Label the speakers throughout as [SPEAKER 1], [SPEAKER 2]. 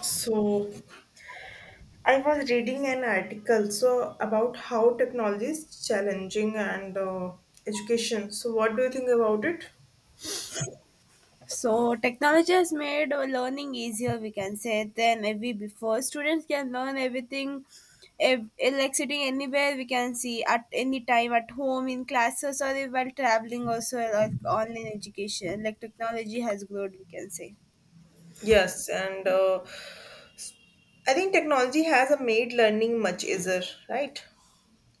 [SPEAKER 1] So I was reading an article about how technology is challenging and education. So what do you think about it?
[SPEAKER 2] So technology has made learning easier, we can say, than ever before. Students can learn everything, like sitting anywhere, we can see, at any time, at home, in classes, or while traveling. Also, like online education, like technology has grown, we can say.
[SPEAKER 1] Yes, and I think technology has made learning much easier, right?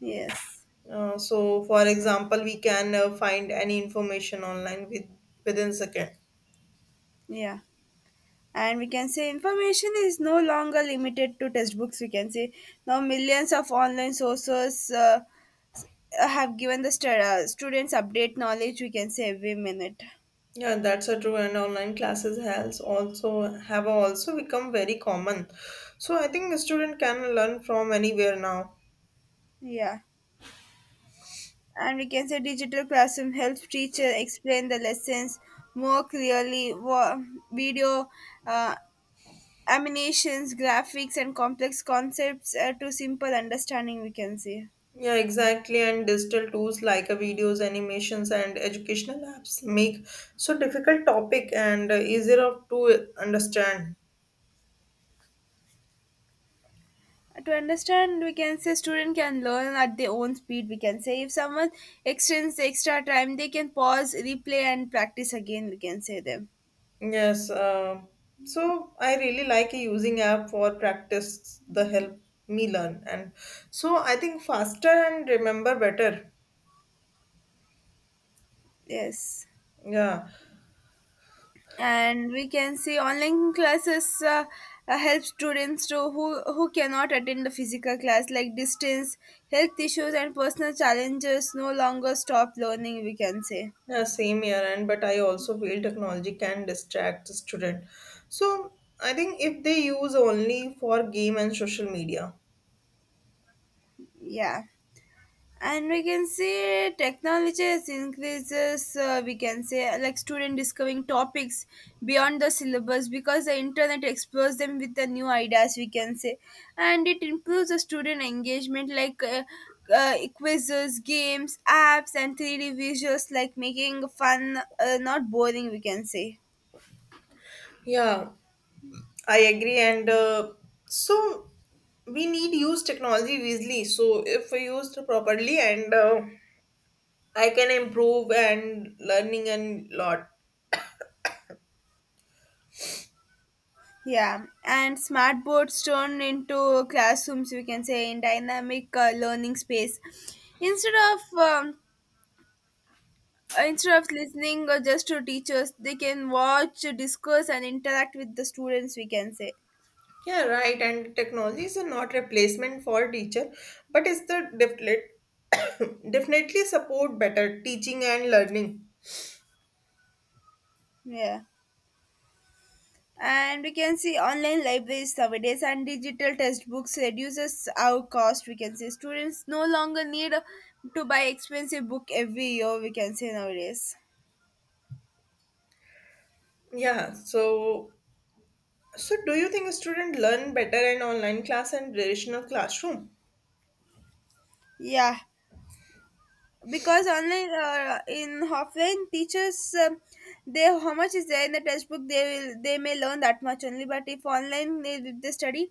[SPEAKER 2] Yes,
[SPEAKER 1] So for example, we can find any information online within second.
[SPEAKER 2] yeah. And we can say information is no longer limited to textbooks. We can say now millions of online sources s- have given the stu- students update knowledge. We can say every minute.
[SPEAKER 1] Yeah, that's a true. And online classes has also have also become very common. So I think a student can learn from anywhere now.
[SPEAKER 2] Yeah, and we can say digital classroom helps teacher explain the lessons more clearly. Video, uh, animations, graphics, and complex concepts to simple understanding, we can say.
[SPEAKER 1] Yeah, exactly. And digital tools like videos, animations, and educational apps make so difficult topic and easier of to understand.
[SPEAKER 2] To understand, we can say student can learn at their own speed, we can say. If someone extends the extra time, they can pause, replay, and practice again, we can say them.
[SPEAKER 1] Yes. So I really like using app for practice. The help me learn, and I think faster and remember better.
[SPEAKER 2] Yes,
[SPEAKER 1] Yeah.
[SPEAKER 2] and we can see online classes help students to who cannot attend the physical class, like distance, health issues, and personal challenges no longer stop learning, we can say.
[SPEAKER 1] Yeah, same here, and but I also feel technology can distract the student. So I think if they use only for game and social media.
[SPEAKER 2] Yeah, and we can say technology has increases, we can say, like student discovering topics beyond the syllabus because the internet explores them with the new ideas, we can say. And it improves the student engagement, like quizzes, games, apps, and 3d visuals, like making fun, not boring, we can say.
[SPEAKER 1] Yeah, I agree, and so we need use technology wisely. So if we used properly, and I can improve and learning and lot.
[SPEAKER 2] Yeah, and smart boards turned into classrooms, we can say, in dynamic learning space. Instead of um, Instead of listening just to teachers, they can watch, discuss, and interact with the students, we can say.
[SPEAKER 1] Yeah, right. And technology is not replacement for teacher, but it's definitely support better teaching and learning.
[SPEAKER 2] Yeah, and we can see online libraries nowadays and digital textbooks reduces our cost, we can say. Students no longer need to buy expensive book every year, we can say nowadays.
[SPEAKER 1] Yeah. So do you think a student learn better in online class and traditional classroom?
[SPEAKER 2] Yeah, because online, in offline teachers, they, how much is there in the textbook they will, they may learn that much only. But if online, they study,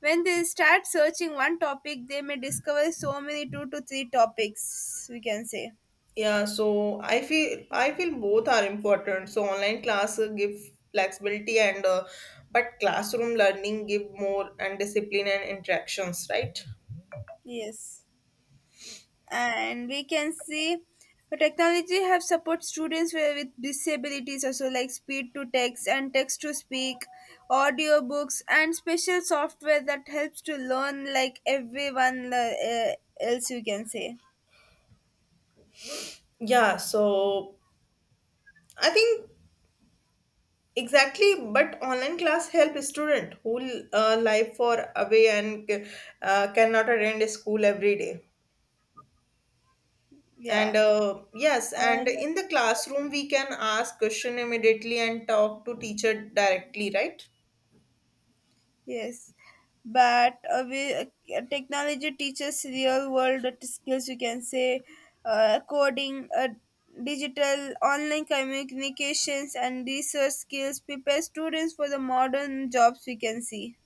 [SPEAKER 2] when they start searching one topic they may discover so many two to three topics, we can say.
[SPEAKER 1] Yeah, so I feel both are important. So online class give flexibility and but classroom learning give more and discipline and interactions, right?
[SPEAKER 2] Yes, and we can see technology have support students with disabilities also, like speed to text and text to speak, audiobooks, and special software that helps to learn like everyone, else, you can say.
[SPEAKER 1] Yeah, so I think exactly, but online class help student who life for away and cannot attend school every day.
[SPEAKER 2] Yeah.
[SPEAKER 1] And yes, and
[SPEAKER 2] Um,
[SPEAKER 1] in the classroom we can ask question immediately and talk to teacher directly, right?
[SPEAKER 2] Yes, but technology teaches real world skills. You can say coding, digital, online communications, and research skills prepare students for the modern jobs, we can see.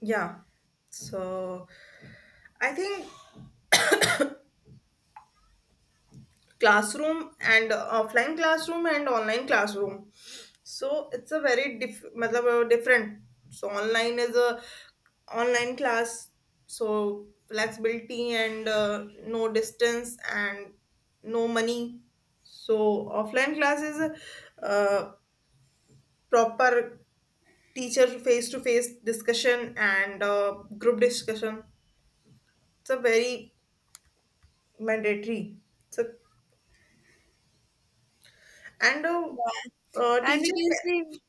[SPEAKER 1] Yeah. So I think classroom and offline classroom and online classroom. So it's a very different. So online is a online class. So flexibility and no distance and no money. So offline class is a proper teacher face to face discussion and group discussion. It's a very mandatory. So and a,
[SPEAKER 2] Yeah, and we
[SPEAKER 1] teacher
[SPEAKER 2] can
[SPEAKER 1] can,
[SPEAKER 2] see,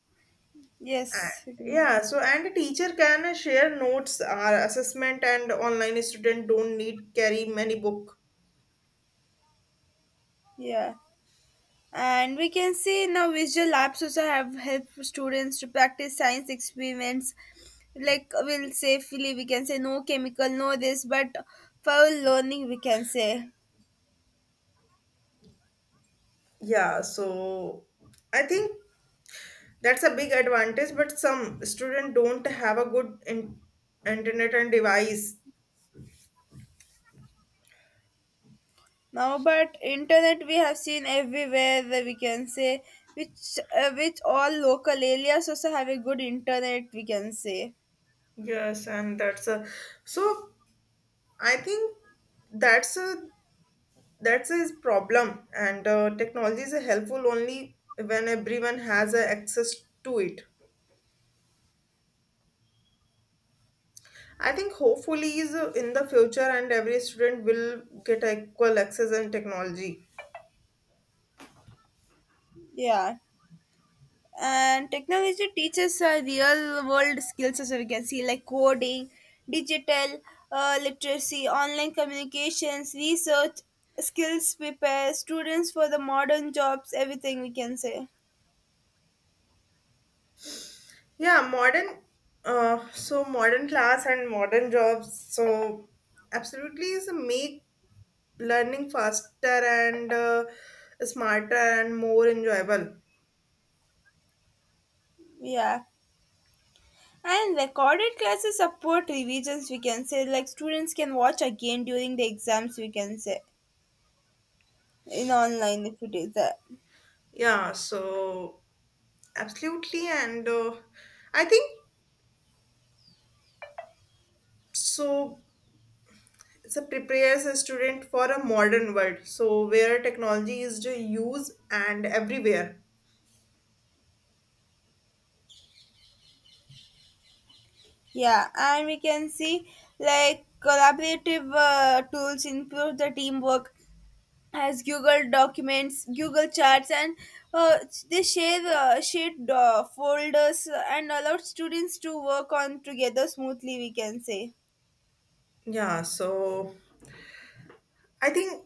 [SPEAKER 1] uh,
[SPEAKER 2] yes, we
[SPEAKER 1] yeah.
[SPEAKER 2] can-
[SPEAKER 1] So and a teacher can share notes. Our assessment and online student don't need carry many book.
[SPEAKER 2] yeah. And we can see now visual apps also have helped students to practice science experiments. Like we'll safely, we can say, no chemical, no this, but for learning, we can say.
[SPEAKER 1] Yeah. So I think that's a big advantage. But some student don't have a good internet and device.
[SPEAKER 2] Now but internet we have seen everywhere, that we can say, which all local areas also have a good internet, we can say.
[SPEAKER 1] Yes, and that's a so I think that's a that's his problem, and technology is helpful only when everyone has access to it. I think hopefully is in the future, and every student will get equal access and technology.
[SPEAKER 2] Yeah. And technology teaches real world skills, as we can see, like coding, digital literacy, online communications, research skills prepare students for the modern jobs, everything we can say.
[SPEAKER 1] Yeah, modern class and modern jobs. So absolutely is make learning faster and smarter and more enjoyable.
[SPEAKER 2] Yeah, and recorded classes support revisions, we can say. Like students can watch again during the exams, we can say, in online if it is that.
[SPEAKER 1] Yeah, so absolutely, and I think so so prepares a student for a modern world so where technology is to use and everywhere.
[SPEAKER 2] Yeah, and we can see like collaborative tools improve the teamwork, has Google Documents, Google Charts, and uh, they share shared folders, and allowed students to work on together smoothly, we can say.
[SPEAKER 1] Yeah, so I think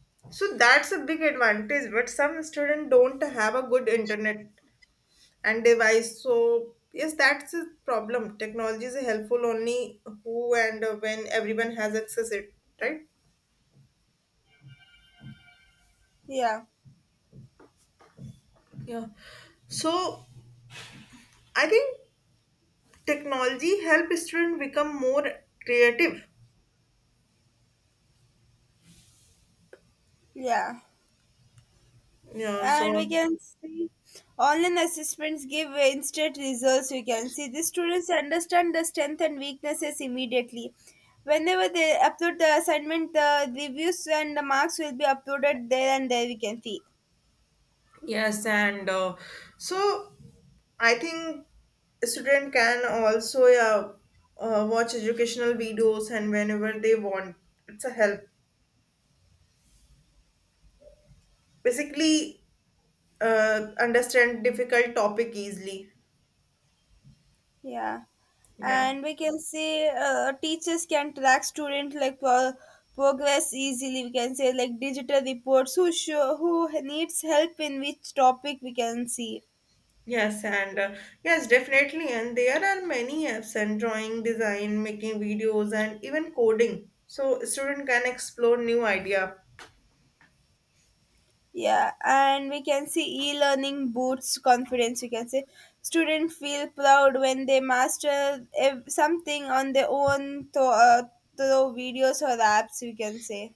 [SPEAKER 1] so that's a big advantage but some students don't have a good internet and device. So yes, that's a problem. Technology is helpful only who and when everyone has access it, right?
[SPEAKER 2] yeah,
[SPEAKER 1] Yeah, so I think technology help students become more creative.
[SPEAKER 2] yeah,
[SPEAKER 1] Yeah,
[SPEAKER 2] and
[SPEAKER 1] so
[SPEAKER 2] we can see online assessments give instant results. We can see the students understand the strength and weaknesses immediately. Whenever they upload the assignment, the reviews and the marks will be uploaded there and there, we can see.
[SPEAKER 1] yes, and so I think a student can also yeah, watch educational videos and whenever they want, it's a help. Basically, understand difficult topic easily.
[SPEAKER 2] Yeah,
[SPEAKER 1] Yeah.
[SPEAKER 2] and we can say teachers can track student like progress easily, we can say. Like digital reports who show who needs help in which topic, we can see.
[SPEAKER 1] Yes, and yes, definitely. And there are many apps and drawing, design, making videos, and even coding. So student can explore new idea.
[SPEAKER 2] Yeah, and we can see e-learning boosts confidence, we can say. Students feel proud when they master something on their own through, through videos or apps, we can say.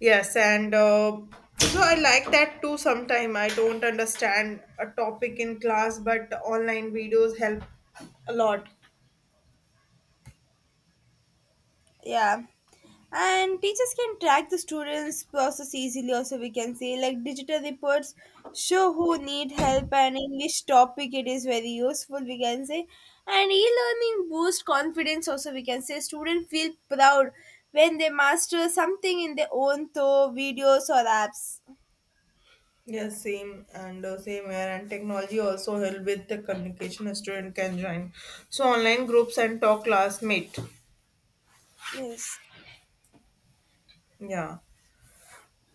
[SPEAKER 1] Yes, and so I like that too. Sometime I don't understand a topic in class, but online videos help a lot.
[SPEAKER 2] Yeah, and teachers can track the students process easily also, we can say. Like digital reports show who need help and in which topic, it is very useful, we can say. And e-learning boost confidence also, we can say. Students feel proud when they master something in their own through videos or apps.
[SPEAKER 1] Yes, same here. And technology also help with the communication. A student can join online groups and talk classmate.
[SPEAKER 2] Yes.
[SPEAKER 1] Yeah,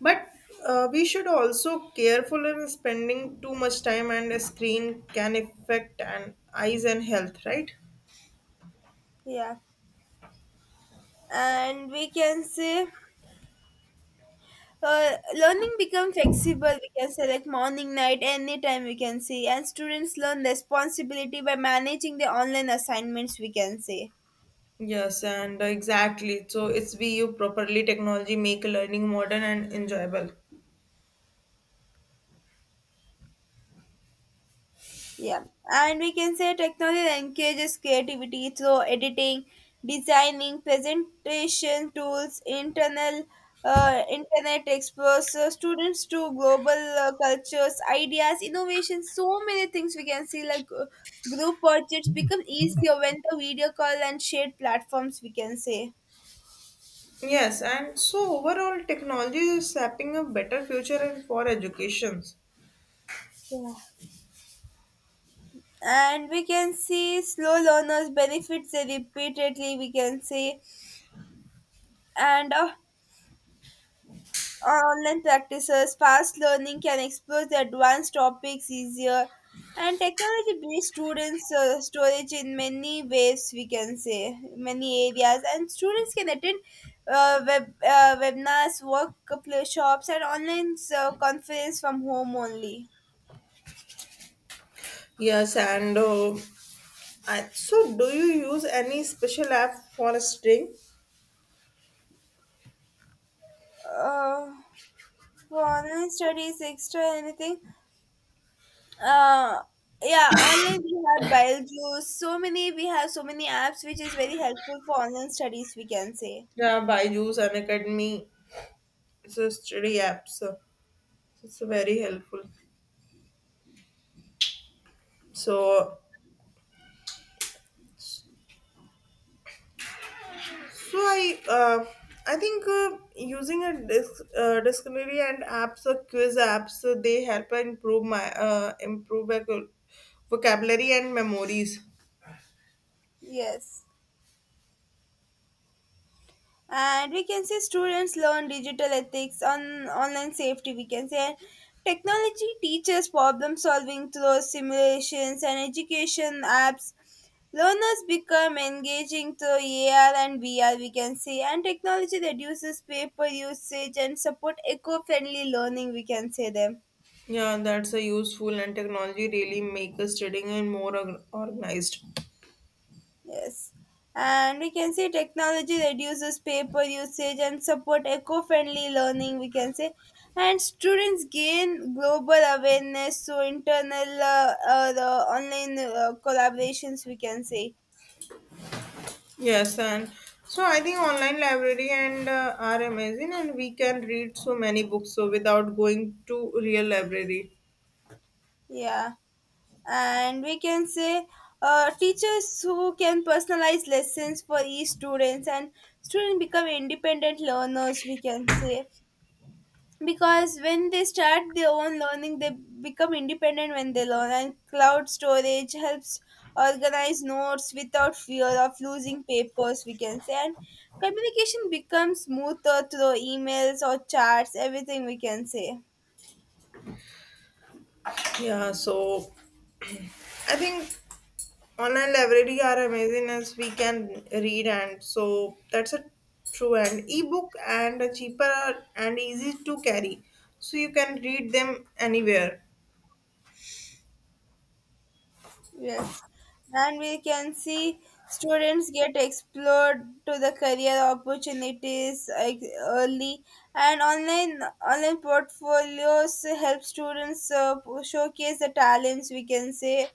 [SPEAKER 1] but we should also careful in spending too much time and a screen can affect and eyes and health, right?
[SPEAKER 2] Yeah, and we can say learning become flexible. We can select morning, night, anytime, we can say. And students learn responsibility by managing the online assignments, we can say.
[SPEAKER 1] Yes, and exactly. So it's we you properly technology make learning modern and enjoyable.
[SPEAKER 2] Yeah, and we can say technology encourages creativity through editing, designing, presentation tools, internal internet explores students to global cultures, ideas, innovations. So many things we can see, like group projects become easier when the video call and shared platforms, we can say.
[SPEAKER 1] Yes, and so overall technology is shaping a better future and for educations.
[SPEAKER 2] Yeah. And we can see slow learners benefits repeatedly, we can say. And online practices, fast learning can explore the advanced topics easier, and technology based students storage in many ways, we can say, many areas, and students can attend webinars, workshops, and online conference from home only.
[SPEAKER 1] Yes, and do you use any special app for studying?
[SPEAKER 2] Uh, for online studies, extra anything. Uh, yeah, online we have Beljus. So many, we have so many apps which is very helpful for online studies, we can say.
[SPEAKER 1] Yeah, Byju's and Academy. It's a study app, so it's very helpful. So So I think using a dictionary and apps or quiz apps, they help improve my vocabulary and memories.
[SPEAKER 2] Yes. And we can say students learn digital ethics on online safety, we can say. Technology teaches problem solving through simulations and education apps. Learners become engaging through AR and VR, we can say. And technology reduces paper usage and support eco-friendly learning, we can say them.
[SPEAKER 1] Yeah, that's a useful and technology really make us studying and more organized.
[SPEAKER 2] Yes. And we can say technology reduces paper usage and support eco-friendly learning, we can say. And students gain global awareness through internal the online collaborations, we can say.
[SPEAKER 1] Yes, and so I think online library and are amazing, and we can read so many books so without going to real library.
[SPEAKER 2] Yeah. And we can say teachers who can personalize lessons for each students, and students become independent learners, we can say. Because when they start their own learning, they become independent when they learn. And cloud storage helps organize notes without fear of losing papers, we can say. And communication becomes smoother through emails or charts, everything we can say.
[SPEAKER 1] Yeah, so I think online library are amazing as we can read and so that's a true. And ebook and cheaper and easy to carry, so you can read them anywhere.
[SPEAKER 2] Yes, and we can see students get explored to the career opportunities like early, and online portfolios help students showcase the talents, we can say.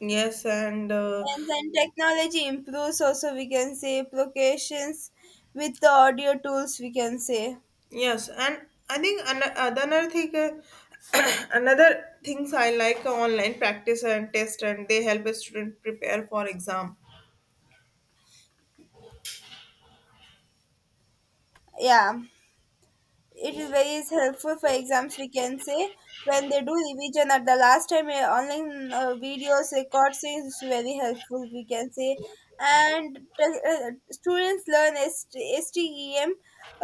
[SPEAKER 1] Yes, and
[SPEAKER 2] And then technology improves also, we can say, applications with the audio tools, we can say.
[SPEAKER 1] yes, and I think another thing another things I like online practice and test and they help a student prepare for exam.
[SPEAKER 2] Yeah. It is very is helpful for exams, we can say, when they do revision at the last time. Online videos records is very helpful, we can say. And students learn S STEM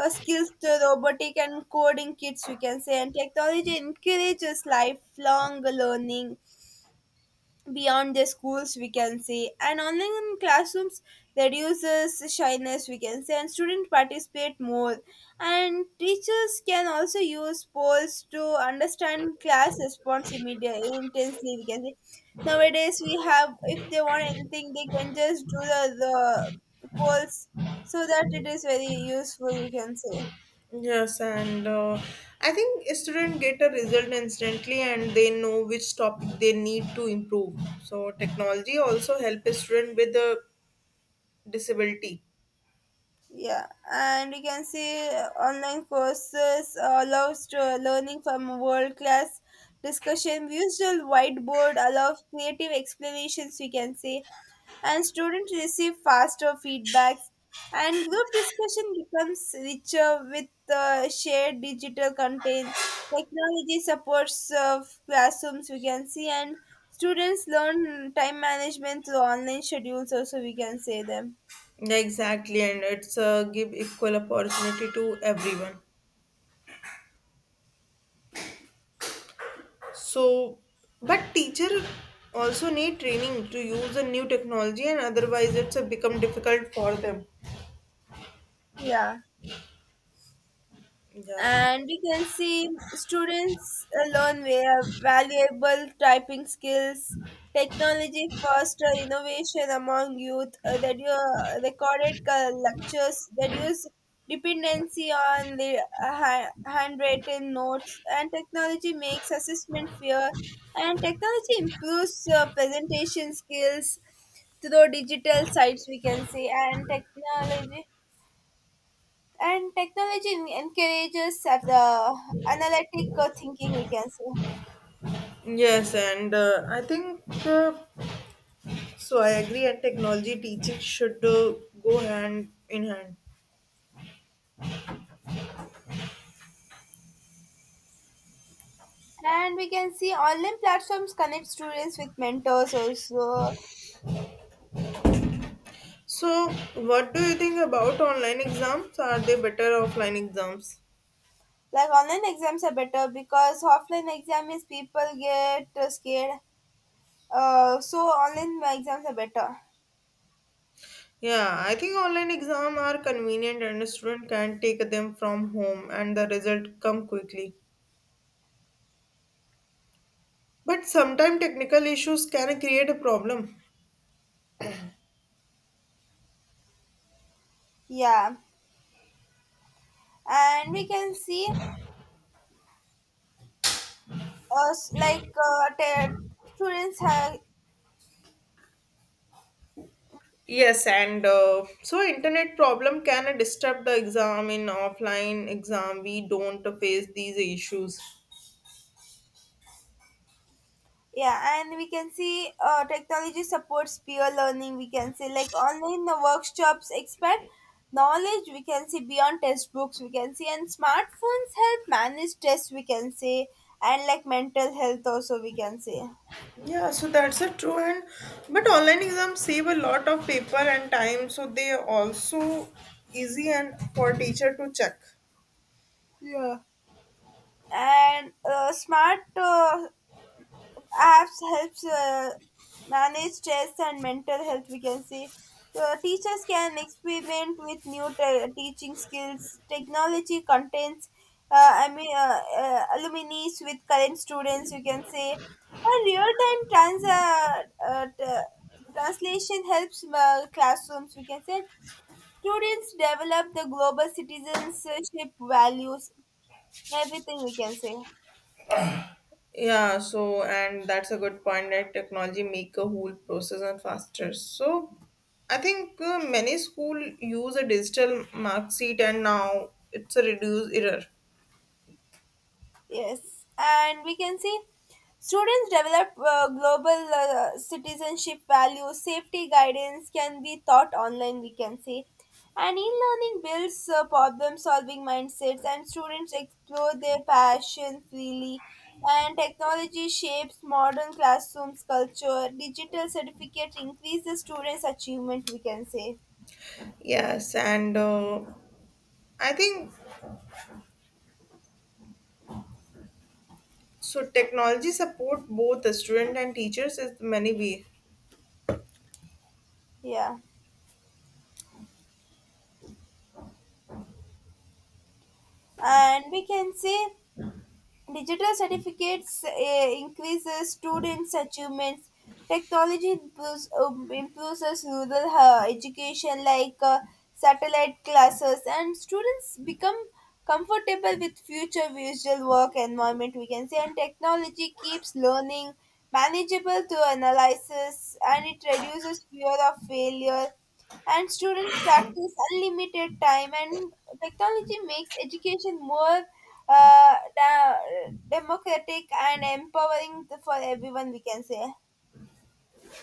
[SPEAKER 2] skills to robotic and coding kits, we can say. And technology encourages lifelong learning beyond their schools, we can say. And online classrooms reduces shyness, we can say, and students participate more. And teachers can also use polls to understand class response immediately intensely, we can say. Nowadays we have, if they want anything they can just do the polls, so that it is very useful, we can say.
[SPEAKER 1] Yes, and I think students get a result instantly and they know which topic they need to improve. So technology also help a student with a disability.
[SPEAKER 2] Yeah, and you can see online courses allows to learning from world class discussion. Visual whiteboard allows creative explanations, we can say. And students receive faster feedbacks, and group discussion becomes richer with shared digital content. Technology supports classrooms, we can see. And students learn time management through online schedules also, we can say them.
[SPEAKER 1] Yeah, exactly, and it's give equal opportunity to everyone. So, but teacher also need training to use a new technology, and otherwise it's become difficult for them.
[SPEAKER 2] Yeah.
[SPEAKER 1] Yeah.
[SPEAKER 2] And you can see students learn valuable typing skills. Technology foster innovation among youth, that you recorded lectures reduce dependency on the handwritten notes. And technology makes assessment fair, and technology improves presentation skills through digital sites, we can say. And technology encourages the analytic thinking, we can say.
[SPEAKER 1] Yes, and I think uh, So I agree, and technology teaching should go hand in hand.
[SPEAKER 2] And we can see online platforms connect students with mentors also.
[SPEAKER 1] So, what do you think about online exams? Are they better offline exams?
[SPEAKER 2] Like online exams are better because offline exam is people get scared. So online exams are better.
[SPEAKER 1] Yeah, I think online exam are convenient and a student can take them from home and the result come quickly. But sometimes technical issues can create a problem.
[SPEAKER 2] Yeah, and we can see uh, s- like uh, te- students have.
[SPEAKER 1] Yes, and internet problem can disturb the exam in offline exam. We don't face these issues.
[SPEAKER 2] Yeah, and we can see technology supports peer learning, we can say. Like online workshops expand knowledge, we can see, beyond textbooks, we can see. And smartphones help manage stress, we can say, and like mental health also, we can say.
[SPEAKER 1] Yeah, so that's a true and but online exams save a lot of paper and time, so they are also easy and for teacher to check.
[SPEAKER 2] Yeah. And smart apps helps manage stress and mental health, we can say. Teachers can experiment with new teaching skills, technology contents, alumni with current students, you can say. And real-time uh, t- translation helps classrooms, we can say. Students develop the global citizenship values, everything we can say.
[SPEAKER 1] Yeah, so and that's a good point that technology make a whole process and faster. So I think many school use a digital mark sheet and now it's a reduce error.
[SPEAKER 2] Yes, and we can see students develop global citizenship values, safety guidance can be taught online, we can say. And e learning builds problem solving mindsets, and students explore their passion freely. And technology shapes modern classrooms culture. Digital certificate increases students' achievement, we can say.
[SPEAKER 1] Yes, and I think so technology support both the student and teachers is many way.
[SPEAKER 2] Yeah. And we can say digital certificates increases students' achievements. Technology improves, improves rural education like satellite classes, and students become comfortable with future visual work environment, we can say. And technology keeps learning manageable through analysis, and it reduces fear of failure, and students practice unlimited time, and technology makes education more uh, da- democratic and empowering for everyone, we can say.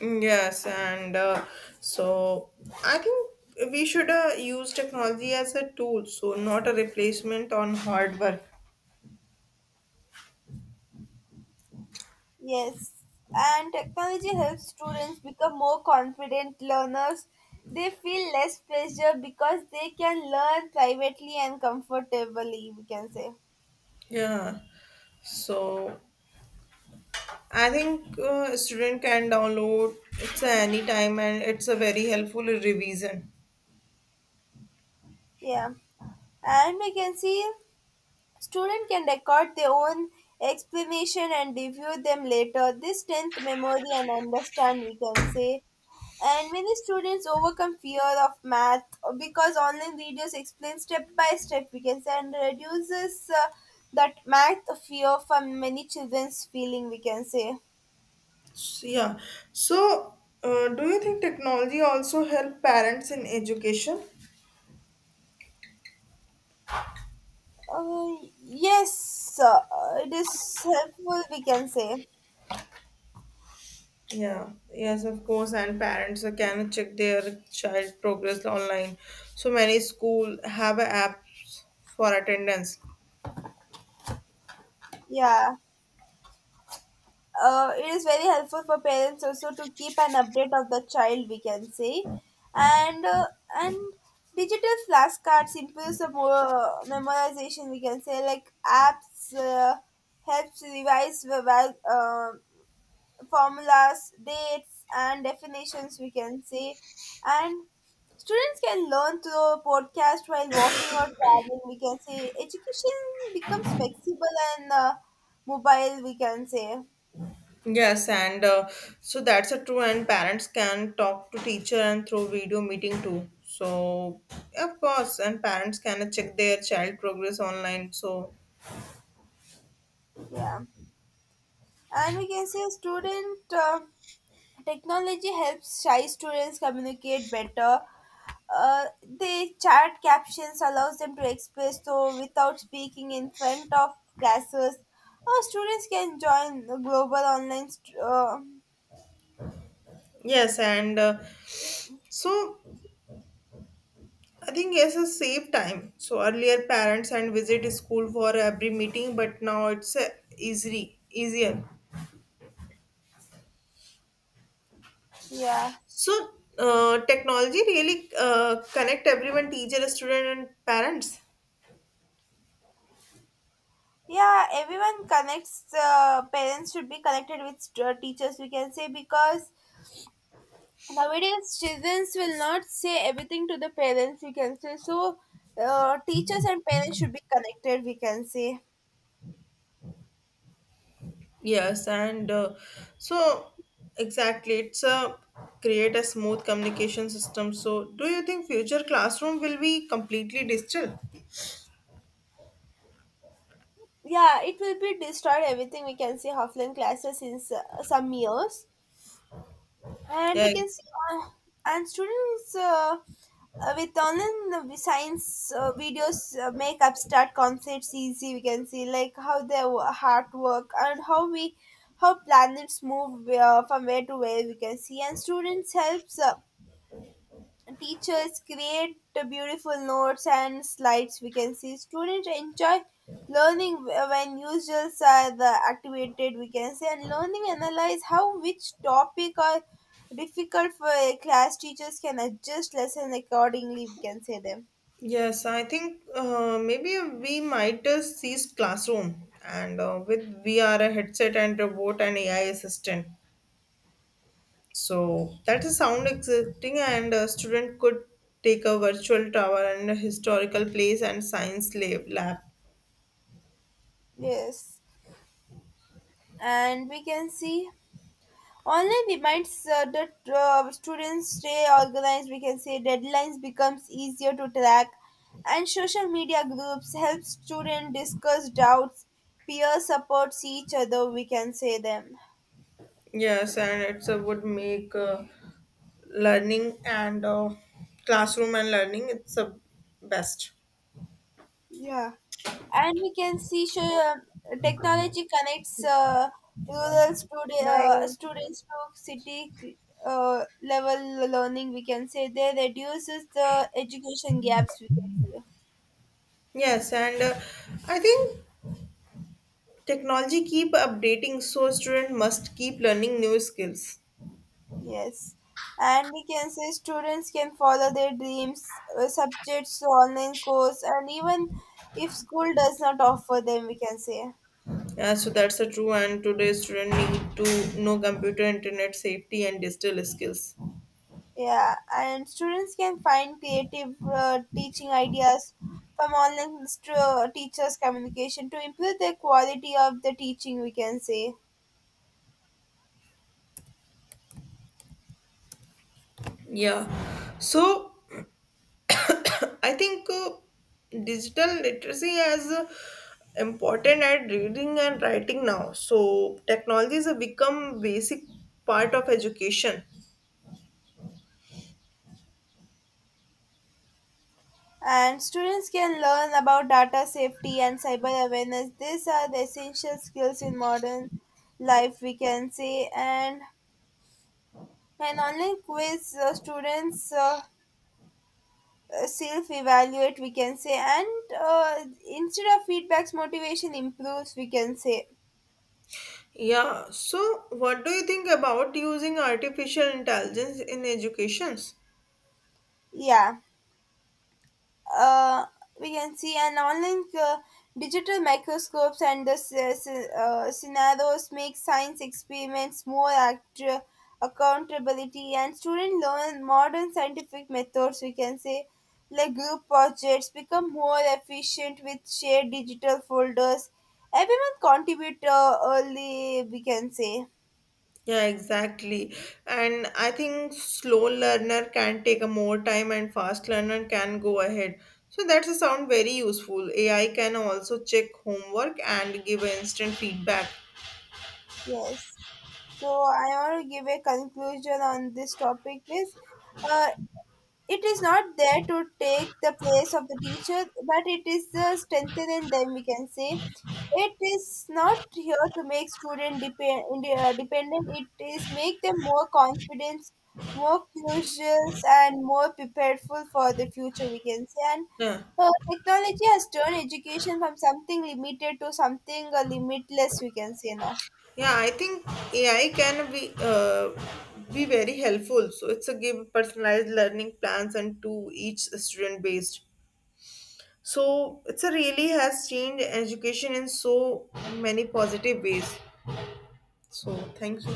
[SPEAKER 1] Yes, and so I think we should use technology as a tool, so not a replacement on hard work.
[SPEAKER 2] Yes, and technology helps students become more confident learners. They feel less pressure because they can learn privately and comfortably, we can say.
[SPEAKER 1] Yeah. So I think student can download it's any time and it's a very helpful revision.
[SPEAKER 2] Yeah, and we can see students can record their own explanation and review them later. This strengthens memory and understand, we can say. And many students overcome fear of math because online videos explain step by step, we can say, and reduces that math fear from many children's feeling, we can say.
[SPEAKER 1] So, yeah. So do you think technology also help parents in education?
[SPEAKER 2] Uh, yes, it is helpful, we can say.
[SPEAKER 1] Yeah, yes, of course, and parents can check their child progress online. So many school have apps for attendance.
[SPEAKER 2] Yeah, it is very helpful for parents also to keep an update of the child, we can say. And uh, and digital flashcards improves the more memorization, we can say, like apps helps revise the formulas, dates and definitions, we can say. And students can learn through a podcast while walking or traveling, we can say. Education becomes flexible and mobile, we can say.
[SPEAKER 1] Yes, and so that's a true, and parents can talk to teacher and through video meeting too. So of course, and parents can check their child progress online. So
[SPEAKER 2] Yeah. And we can see a student Technology helps shy students communicate better. The chat captions allows them to express so without speaking in front of classes. Our students can join the global online.
[SPEAKER 1] yes, and so I think yes, a save time. So earlier parents and visit school for every meeting, but now it's easy, easier.
[SPEAKER 2] Yeah,
[SPEAKER 1] So technology really connect everyone, teacher, student, and parents.
[SPEAKER 2] yeah. Everyone connects. Parents should be connected with teachers, we can say, because nowadays children will not say everything to the parents, we can say. So teachers and parents should be connected, we can say.
[SPEAKER 1] Yes, and so exactly, it's a create a smooth communication system. So do you think future classroom will be completely digital?
[SPEAKER 2] Yeah, it will be destroyed everything, we can say, offline classes in some years, and we
[SPEAKER 1] Yeah,
[SPEAKER 2] can see. Uh, and students With online science videos make abstract concepts easy, we can see, like how their heart work, and how we, how planets move from where to where, we can see. And students helps teachers create the beautiful notes and slides, we can see. Students enjoy learning when usuals are the activated, we can say. And learning analyze how which topic are difficult for a class, teachers can adjust lesson accordingly, we can say them.
[SPEAKER 1] yes, I think maybe we might just seize classroom and with VR, headset, and robot and AI assistant. So that is sound existing, and a student could take a virtual tower and a historical place and science lab.
[SPEAKER 2] Yes, and we can see online reminds that students stay organized, we can say. Deadlines becomes easier to track, and social media groups help students discuss doubts. Peer supports each other, we can say them.
[SPEAKER 1] Yes, and it's a would make learning and classroom and learning it's the best.
[SPEAKER 2] Yeah, and we can see, sure, technology connects rural
[SPEAKER 1] Bye.
[SPEAKER 2] students to city level learning, we can say. They reduces the education gaps, we can say.
[SPEAKER 1] Yes, and I think technology keep updating, so student must keep learning new skills.
[SPEAKER 2] Yes, and we can say students can follow their dreams, subjects, to online course, and even if school does not offer them, we can say.
[SPEAKER 1] So that's a true. And today student need to know computer, internet safety, and digital skills.
[SPEAKER 2] Yeah, and students can find creative teaching ideas from online teachers' communication to improve the quality of the teaching, we can say.
[SPEAKER 1] Yeah. So I think digital literacy is important at reading and writing now. So technologies have become basic part of education.
[SPEAKER 2] And students can learn about data safety and cyber awareness. These are the essential skills in modern life, we can say. And an online quiz, students self evaluate, we can say, and instead of feedbacks, motivation improves, we can say.
[SPEAKER 1] Yeah. So what do you think about using artificial intelligence in educations?
[SPEAKER 2] Yeah. uh, we can see an online digital microscopes and the scenarios make science experiments more accountability, and students learn modern scientific methods, we can say. Like group projects become more efficient with shared digital folders, everyone contribute early, we can say.
[SPEAKER 1] Yeah, exactly. And I think slow learner can take a more time and fast learner can go ahead. So that's a sound very useful. AI can also check homework and give instant feedback.
[SPEAKER 2] Yes, so I want to give a conclusion on this topic is, uh, it is not there to take the place of the teacher, but it is strengthening them, we can say. It is not here to make student depend, dependent, it is make them more confident, more curious and more prepared for the future, we can say. And
[SPEAKER 1] Yeah.
[SPEAKER 2] technology has turned education from something limited to something limitless, we can say now.
[SPEAKER 1] Yeah, I think AI can be very helpful. So it's a give personalized learning plans and to each student based. So it's a really has changed education in so many positive ways. So thank you.